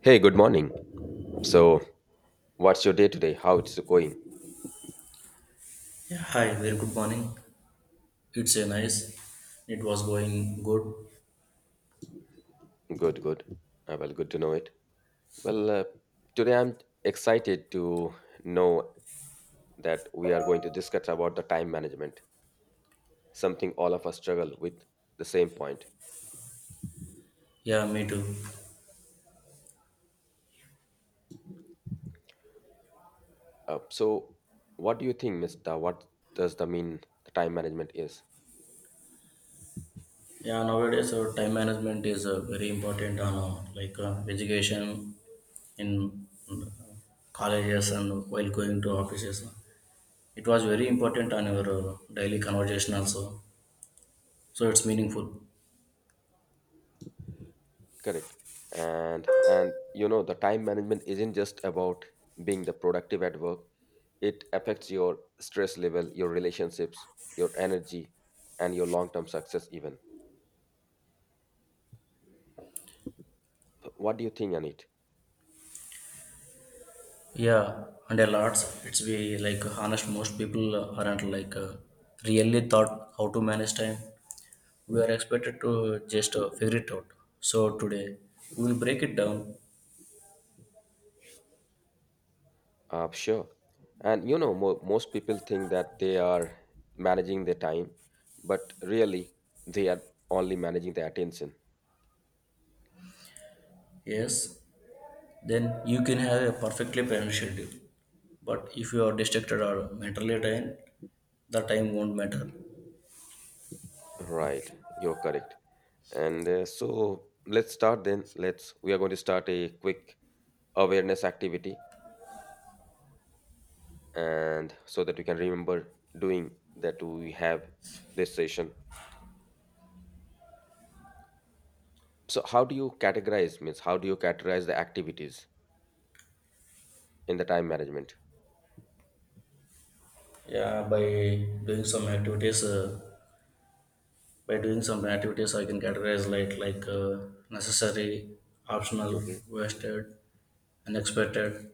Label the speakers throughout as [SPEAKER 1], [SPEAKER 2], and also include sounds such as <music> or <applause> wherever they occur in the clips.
[SPEAKER 1] Hey, good morning. So, what's your day today? How it's going?
[SPEAKER 2] Yeah, hi, very good morning. It's a nice. It was going good.
[SPEAKER 1] Good, good. Well, good to know it. Well, uh, today I'm excited to know that we are going to discuss about the time management, something all of us struggle with the same point.
[SPEAKER 2] Yeah, me too.
[SPEAKER 1] Uh, so, what do you think, Mr.? What does the mean the time management is?
[SPEAKER 2] Yeah, nowadays our time management is very important on like education in colleges and while going to offices. It was very important on our daily conversation also. So it's meaningful.
[SPEAKER 1] Correct. And you know the time management isn't just about being the productive at work. It affects your stress level, your relationships, your energy, and your long-term success even. What do you think on it?
[SPEAKER 2] Yeah, and a lot. It's be like honest. Most people aren't like really thought how to manage time. We are expected to just figure it out. So today we will break it down.
[SPEAKER 1] Sure. And you know most people think that they are managing their time, but really they are only managing their attention.
[SPEAKER 2] Yes, then you can have a perfectly planned schedule. But if you are distracted or mentally drained, the time won't matter.
[SPEAKER 1] Right. You're correct. And so let's start then. Let's we are going to start a quick awareness activity and so that you can remember doing that we have this session. So how do you categorize, means how do you categorize the activities in the time management?
[SPEAKER 2] Yeah, by doing some activities, by doing some activities, I can categorize like necessary, optional,
[SPEAKER 1] hmm
[SPEAKER 2] wasted, unexpected.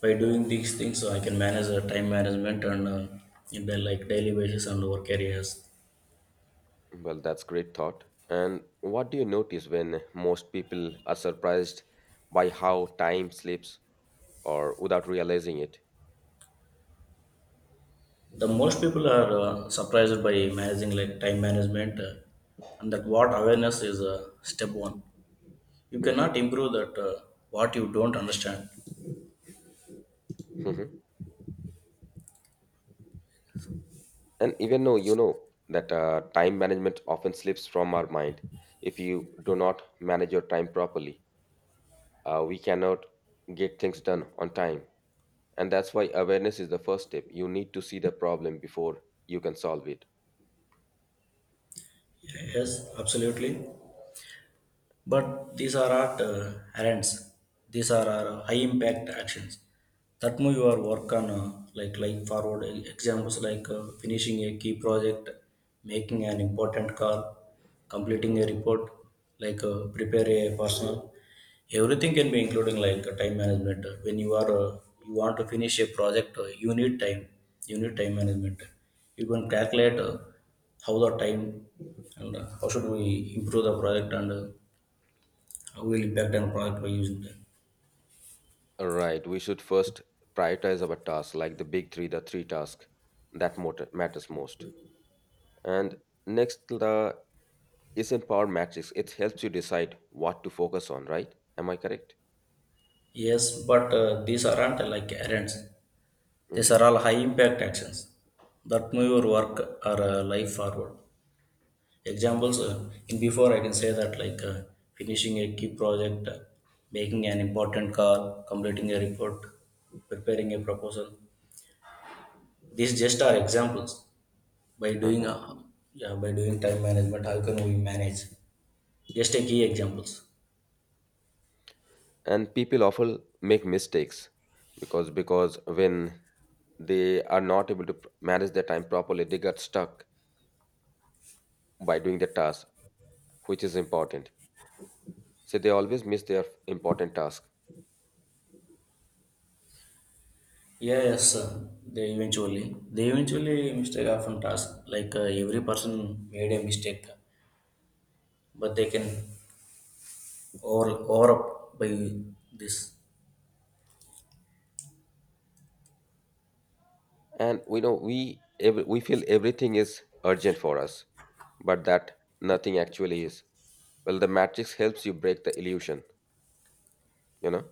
[SPEAKER 2] By doing these things, I can manage the time management and in the like daily basis and work areas.
[SPEAKER 1] well, that's great thought. And what do you notice when most people are surprised by how time slips or without realizing it
[SPEAKER 2] The most people are surprised by managing like time management and that what awareness is step one. You
[SPEAKER 1] hmm
[SPEAKER 2] cannot improve that what you don't understand.
[SPEAKER 1] hmm and even though you know that time management often slips from our mind, if you do not manage your time properly, we cannot get things done on time. And that's why awareness is the first step. You need to see the problem before you can solve it.
[SPEAKER 2] Yes, absolutely. But these are not errands. These are our high impact actions. That move your work on like forward examples like finishing a key project, making an important call, completing a report, like prepare a personal. Everything can be including like time management. When you are you want to finish a project, you need time. You need time management. You can calculate how the time and how should we improve the project and will impact on product by using them.
[SPEAKER 1] Right, we should first prioritize our tasks, like the big three, the three tasks that matters most. And next, the is in matrix. It helps you decide what to focus on. Right? Am I correct?
[SPEAKER 2] Yes, but these aren't like errands. These
[SPEAKER 1] Mm-hmm.
[SPEAKER 2] are all high impact actions that move your work or life forward. Examples in before I can say that like finishing a key project, making an important call, completing a report, preparing a proposal. These just are examples. By doing
[SPEAKER 1] Uh-huh.
[SPEAKER 2] uh, yeah, by doing time management, how can we manage? Just a key examples.
[SPEAKER 1] And people often make mistakes because when they are not able to manage their time properly, they got stuck by doing the task, which is important. So they always miss their important task.
[SPEAKER 2] Yeah, yes, sir. They eventually mistake often task. Like every person made a mistake, but they can over up by this.
[SPEAKER 1] And we know we we feel everything is urgent for us, but that nothing actually is. Well, the matrix helps you break the illusion you know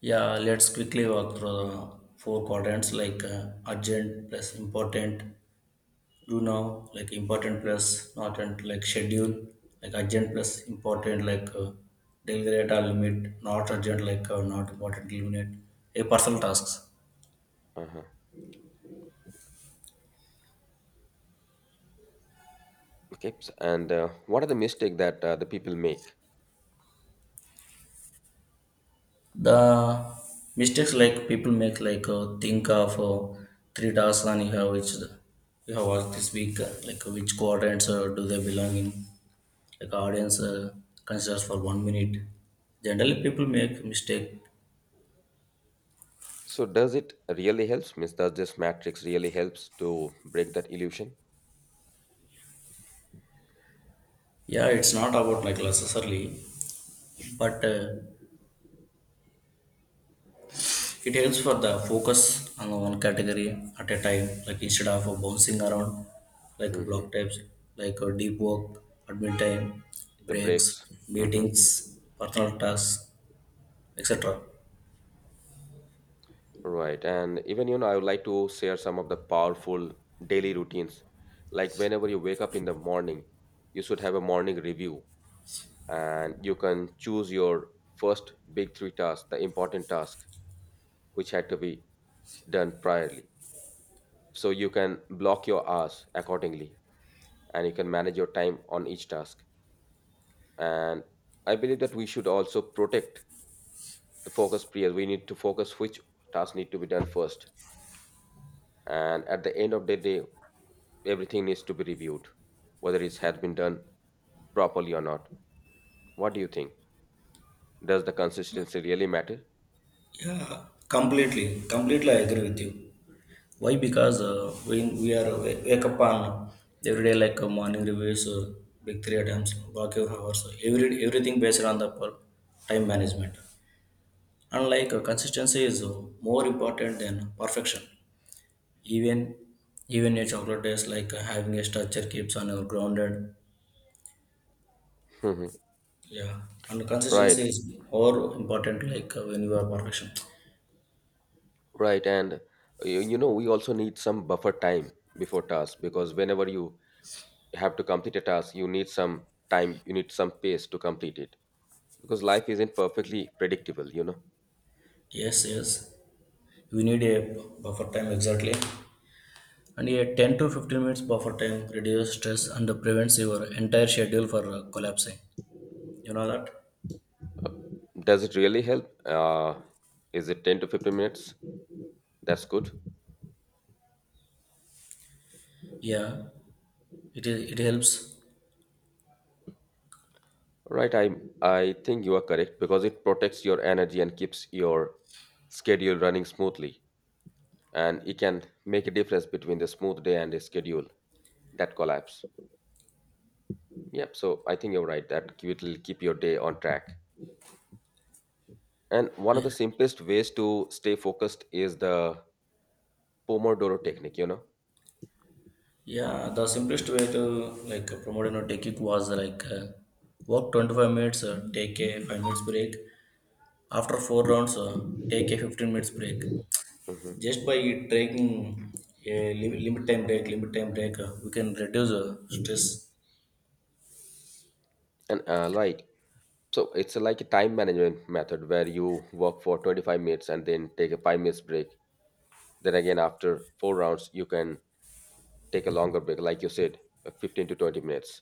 [SPEAKER 2] Yeah, let's quickly walk through the four quadrants like urgent plus important, do now like important plus not and like schedule like urgent plus important like delegate or limit, not urgent like not important eliminate a personal tasks.
[SPEAKER 1] uh-huh. Okay, and what are the mistake that the people make?
[SPEAKER 2] The mistakes like people make like think of three tasks and you have which you have worked this week like which quadrants do they belong in like audience considers for one minute. Generally people make mistake.
[SPEAKER 1] So does it really helps, means does this matrix really helps to break that illusion?
[SPEAKER 2] Yeah, it's not about like necessarily but it helps for the focus on one category at a time, like instead of bouncing around like
[SPEAKER 1] Hmm
[SPEAKER 2] block types, like deep work, admin time,
[SPEAKER 1] the
[SPEAKER 2] breaks,
[SPEAKER 1] breaks hmm
[SPEAKER 2] meetings, personal tasks, etc.
[SPEAKER 1] Right. And even, you know, I would like to share some of the powerful daily routines. Like whenever you wake up in the morning, you should have a morning review and you can choose your first big three tasks, the important task which had to be done priorly. So you can block your hours accordingly and you can manage your time on each task. And I believe that we should also protect the focus period. We need to focus which tasks need to be done first. And at the end of the day, everything needs to be reviewed, whether it has been done properly or not. What do you think? Does the consistency really matter?
[SPEAKER 2] Yeah, completely I agree with you. Why? Because when we are wake up on every day like morning reviews, big three attempts, block your hours, everything based on the time management. And like consistency is more important than perfection. Even even a chocolate is like having a structure keeps on grounded.
[SPEAKER 1] Mhm.
[SPEAKER 2] Yeah, and
[SPEAKER 1] Right,
[SPEAKER 2] consistency is more important like when you are perfection.
[SPEAKER 1] right. And you know, we also need some buffer time before task, because whenever you have to complete a task, you need some time, you need some pace to complete it, because life isn't perfectly predictable, you know.
[SPEAKER 2] Yes, yes, we need a buffer time exactly. And a 10 to 15 minutes buffer time reduces stress and prevents your entire schedule for collapsing. You know that?
[SPEAKER 1] Does it really help? Is it 10 to 15 minutes? That's good.
[SPEAKER 2] Yeah, it is. It helps.
[SPEAKER 1] Right, I think you are correct because it protects your energy and keeps your schedule running smoothly, and it can make a difference between the smooth day and a schedule that collapse. Yep. So I think you're right that it will keep your day on track. And one of the
[SPEAKER 2] Yeah,
[SPEAKER 1] simplest ways to stay focused is the Pomodoro technique.
[SPEAKER 2] yeah, the simplest way to like promote you know technique was like work 25 minutes, take a 5 minutes break. After 4 rounds, take a 15 minutes break.
[SPEAKER 1] Hmm
[SPEAKER 2] Just by taking a limit time break, we can reduce stress.
[SPEAKER 1] and right. So it's like a time management method where you work for 25 minutes and then take a 5 minutes break. Then again, after four rounds, you can take a longer break like you said, 15 to 20 minutes.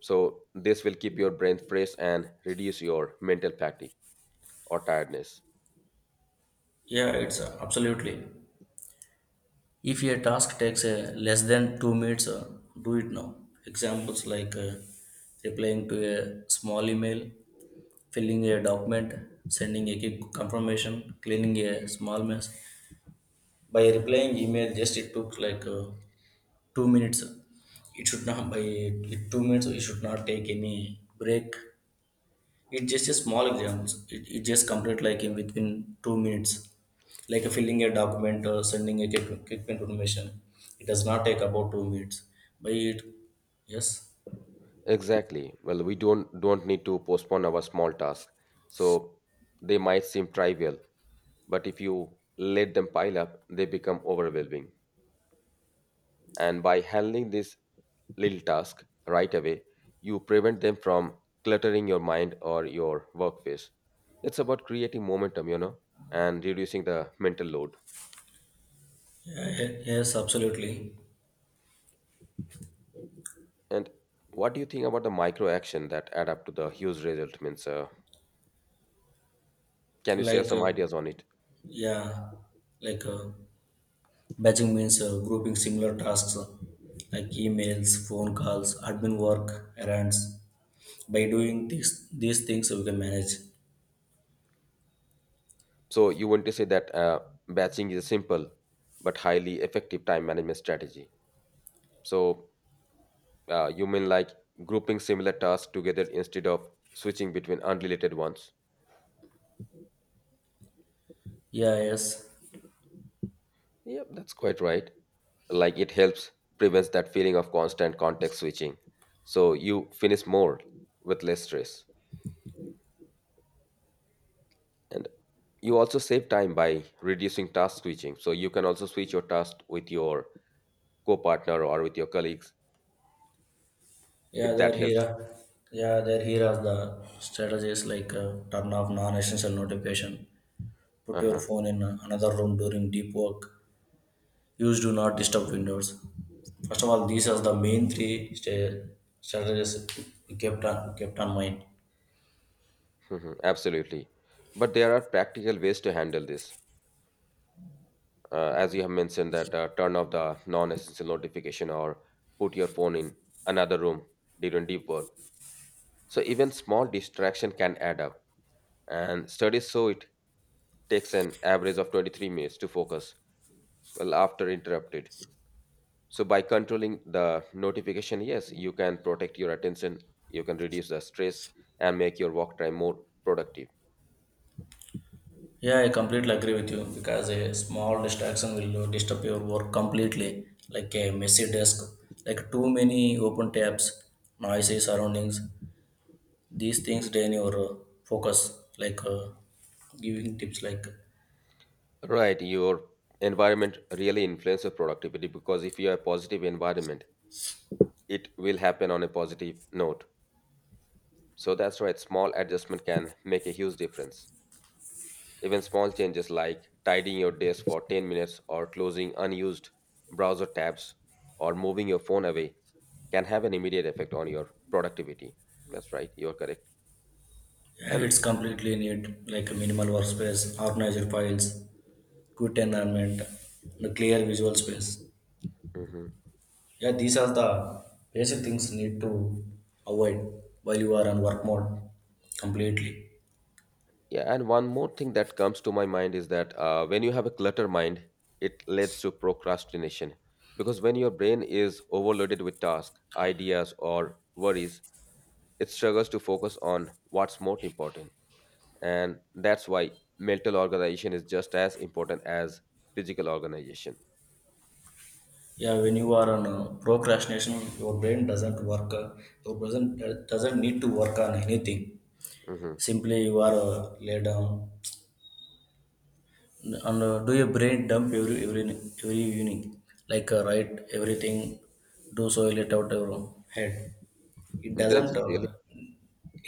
[SPEAKER 1] So this will keep your brain fresh and reduce your mental fatigue or tiredness.
[SPEAKER 2] Yeah, it's absolutely. If your task takes less than 2 minutes, do it now. Examples like replying to a small email filling a document, sending a quick confirmation, cleaning a small mess. By replying email, just it took like 2 minutes. It should not 2 minutes. It should not take any break. It just a small examples. It just complete like in within 2 minutes, like a filling a document or sending a quick information. It does not take about 2 minutes. By it, yes,
[SPEAKER 1] Exactly. Well, we don't need to postpone our small tasks. So they might seem trivial, but if you let them pile up they become overwhelming. And by handling this little task right away, you prevent them from cluttering your mind or your workspace. It's about creating momentum, you know, and reducing the mental load.
[SPEAKER 2] yeah, yeah, yes, absolutely.
[SPEAKER 1] And what do you think about the micro action that add up to the huge result? Means, can you share
[SPEAKER 2] Like
[SPEAKER 1] some ideas on it?
[SPEAKER 2] yeah, like. Batching means grouping similar tasks like emails, phone calls, admin work, errands. By doing these things, we can manage.
[SPEAKER 1] So you want to say that batching is a simple but highly effective time management strategy. So you mean like grouping similar tasks together instead of switching between unrelated ones?
[SPEAKER 2] Yeah, yes.
[SPEAKER 1] Yep, that's quite right. Like it helps prevents that feeling of constant context switching. So you finish more with less stress. And you also save time by reducing task switching. So you can also switch your task with your co-partner or with your colleagues,
[SPEAKER 2] Yeah,
[SPEAKER 1] if that
[SPEAKER 2] they're here.
[SPEAKER 1] helps.
[SPEAKER 2] Yeah, they're here as the strategies like turn off non-essential notification, put your
[SPEAKER 1] Uh-huh.
[SPEAKER 2] phone in another room during deep work, use do not disturb windows. First of all, these are the main three strategies we kept on mind.
[SPEAKER 1] Mhm. Absolutely. But there are practical ways to handle this. As you have mentioned that turn off the non-essential notification or put your phone in another room during deep work. So even small distraction can add up. And studies show it takes an average of 23 minutes to focus well after interrupted. So by controlling the notification, yes, you can protect your attention, you can reduce the stress and make your work time more productive.
[SPEAKER 2] Yeah, I completely agree with you because a small distraction will disturb your work completely, like a messy desk, like too many open tabs, noisy surroundings. These things drain your focus, like giving tips like
[SPEAKER 1] Right, your environment really influences productivity, because if you have a positive environment, it will happen on a positive note. So that's right, small adjustment can make a huge difference. Even small changes like tidying your desk for 10 minutes or closing unused browser tabs or moving your phone away can have an immediate effect on your productivity. That's right, you're correct.
[SPEAKER 2] yeah,
[SPEAKER 1] And
[SPEAKER 2] it's completely need like a minimal workspace, organized files, good environment, and a clear visual space.
[SPEAKER 1] mhm.
[SPEAKER 2] Yeah, these are the basic things need to avoid while you are on work mode completely.
[SPEAKER 1] Yeah, and one more thing that comes to my mind is that when you have a clutter mind, it leads to procrastination, because when your brain is overloaded with tasks, ideas, or worries, it struggles to focus on what's most important. And that's why mental organization is just as important as physical organization.
[SPEAKER 2] Yeah, when you are on procrastination, your brain doesn't work. Your brain doesn't need to work on anything.
[SPEAKER 1] Mhm.
[SPEAKER 2] Simply you are lay down and do your brain dump every evening. Like write everything, do so it out your head. It
[SPEAKER 1] Does
[SPEAKER 2] doesn't.
[SPEAKER 1] it really...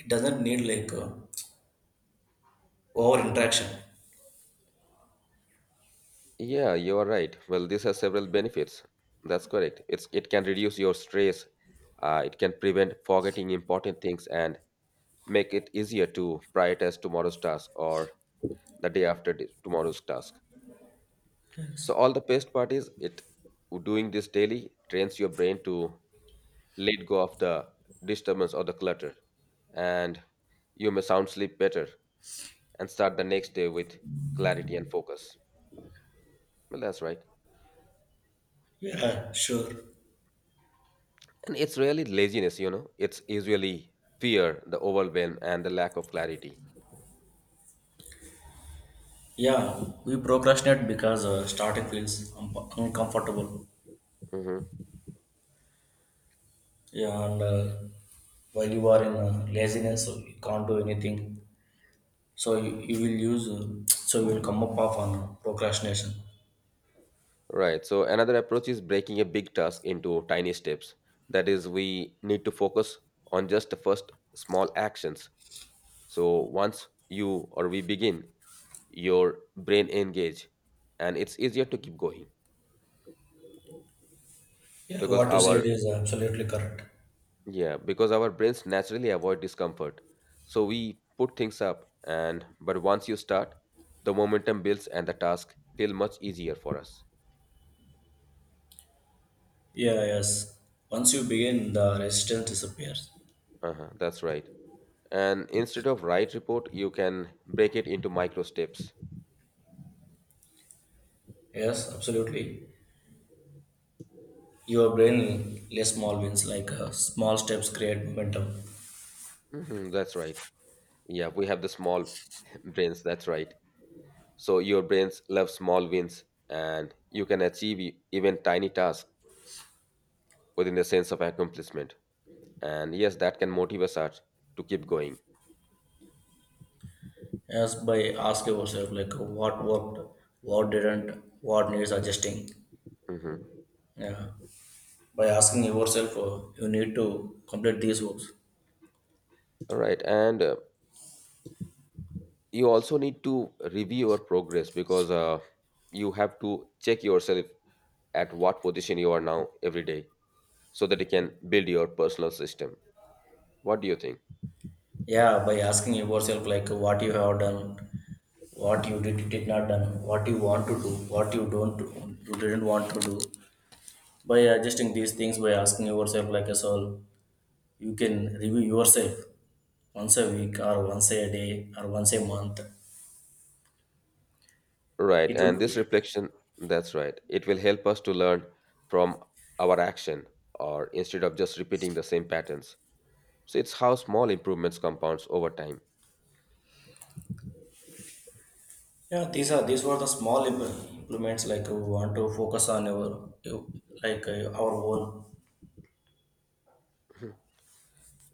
[SPEAKER 2] It doesn't need like over interaction.
[SPEAKER 1] Yeah, you are right. Well, this has several benefits. That's correct. It can reduce your stress. It can prevent forgetting important things and make it easier to prioritize tomorrow's task or the day after tomorrow's task. So
[SPEAKER 2] Yes.
[SPEAKER 1] all the best part is it doing this daily trains your brain to let go of the disturbance or the clutter, and you may sound sleep better and start the next day with clarity and focus. Well, that's right.
[SPEAKER 2] Yeah, sure.
[SPEAKER 1] And it's really laziness, you know. It's usually fear, the overwhelm, and the lack of clarity.
[SPEAKER 2] Yeah, we procrastinate because starting feels uncomfortable.
[SPEAKER 1] hmm
[SPEAKER 2] Yeah, and while you are in laziness, so you can't do anything. So you will use, so you will come up off on procrastination.
[SPEAKER 1] Right. So another approach is breaking a big task into tiny steps. That is, we need to focus on just the first small actions. So once you or we begin, your brain engage, and it's easier to keep going
[SPEAKER 2] Yeah,
[SPEAKER 1] because
[SPEAKER 2] what you said
[SPEAKER 1] our...
[SPEAKER 2] is absolutely correct.
[SPEAKER 1] Yeah, because our brains naturally avoid discomfort. So we put things up and but once you start, the momentum builds and the task feel much easier for us.
[SPEAKER 2] Yeah, yes. Once you begin, the resistance disappears.
[SPEAKER 1] Uh-huh, that's right. And instead of write report, you can break it into micro steps.
[SPEAKER 2] Yes, absolutely. Your brain less small wins, like small steps create momentum.
[SPEAKER 1] Mhm, that's right. Yeah, we have the small <laughs> brains, that's right. So your brains love small wins and you can achieve even tiny tasks within the sense of accomplishment. And yes, that can motivate us to keep going.
[SPEAKER 2] Yes, by asking yourself, like what worked, what didn't, what needs adjusting.
[SPEAKER 1] Mhm.
[SPEAKER 2] Yeah. By asking yourself you need to complete these works.
[SPEAKER 1] All right, and you also need to review your progress because you have to check yourself at what position you are now every day so that you can build your personal system. What do you think?
[SPEAKER 2] Yeah, by asking yourself like what you have done, what you did not done, what you want to do, what you don't you didn't want to do, by adjusting these things, by asking yourself like a soul, you can review yourself once a week or once a day or once a month.
[SPEAKER 1] Right,
[SPEAKER 2] It
[SPEAKER 1] and
[SPEAKER 2] would
[SPEAKER 1] this
[SPEAKER 2] be,
[SPEAKER 1] reflection, that's right, it will help us to learn from our action or instead of just repeating the same patterns. So it's how small improvements compounds over time. <clears throat>
[SPEAKER 2] yeah, these were the small implements like we want to focus on our like our own.
[SPEAKER 1] Mhm.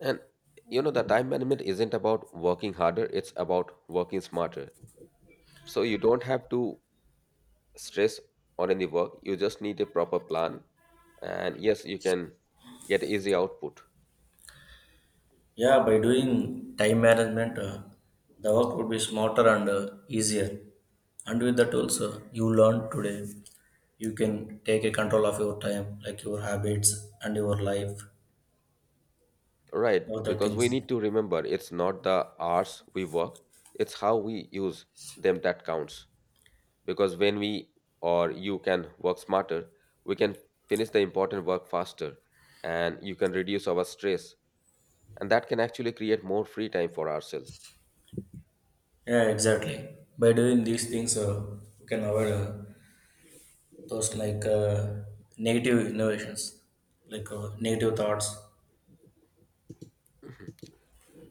[SPEAKER 1] And you know, the time management isn't about working harder, it's about working smarter. So you don't have to stress or in the work, you just need a proper plan and yes you can get easy output.
[SPEAKER 2] Yeah, by doing time management, the work would be smarter and easier. And with the tools you learn today, you can take a control of your time, like your habits and your life,
[SPEAKER 1] Right,
[SPEAKER 2] other
[SPEAKER 1] because we
[SPEAKER 2] things.
[SPEAKER 1] need to remember it's not the hours we work, it's how we use them that counts. Because when we, or you can work smarter, we can finish the important work faster and you can reduce our stress, and that can actually create more free time for ourselves.
[SPEAKER 2] Yeah, exactly. By doing these things, you can avoid those like negative innovations, like negative thoughts.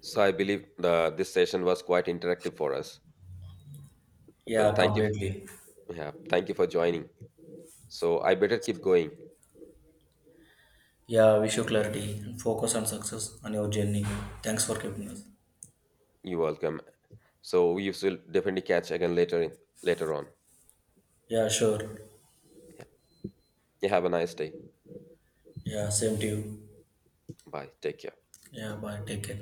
[SPEAKER 1] So I believe the this session was quite interactive for us. Well,
[SPEAKER 2] Yeah,
[SPEAKER 1] thank you,
[SPEAKER 2] completely.
[SPEAKER 1] yeah, thank you for joining. So I better keep going.
[SPEAKER 2] Yeah, wish you clarity and focus on success on your journey. Thanks for keeping us.
[SPEAKER 1] You're welcome. So we will definitely catch again later on.
[SPEAKER 2] Yeah, sure.
[SPEAKER 1] You have a nice day.
[SPEAKER 2] Yeah, same to you.
[SPEAKER 1] Bye. Take care.
[SPEAKER 2] Yeah, bye. Take care.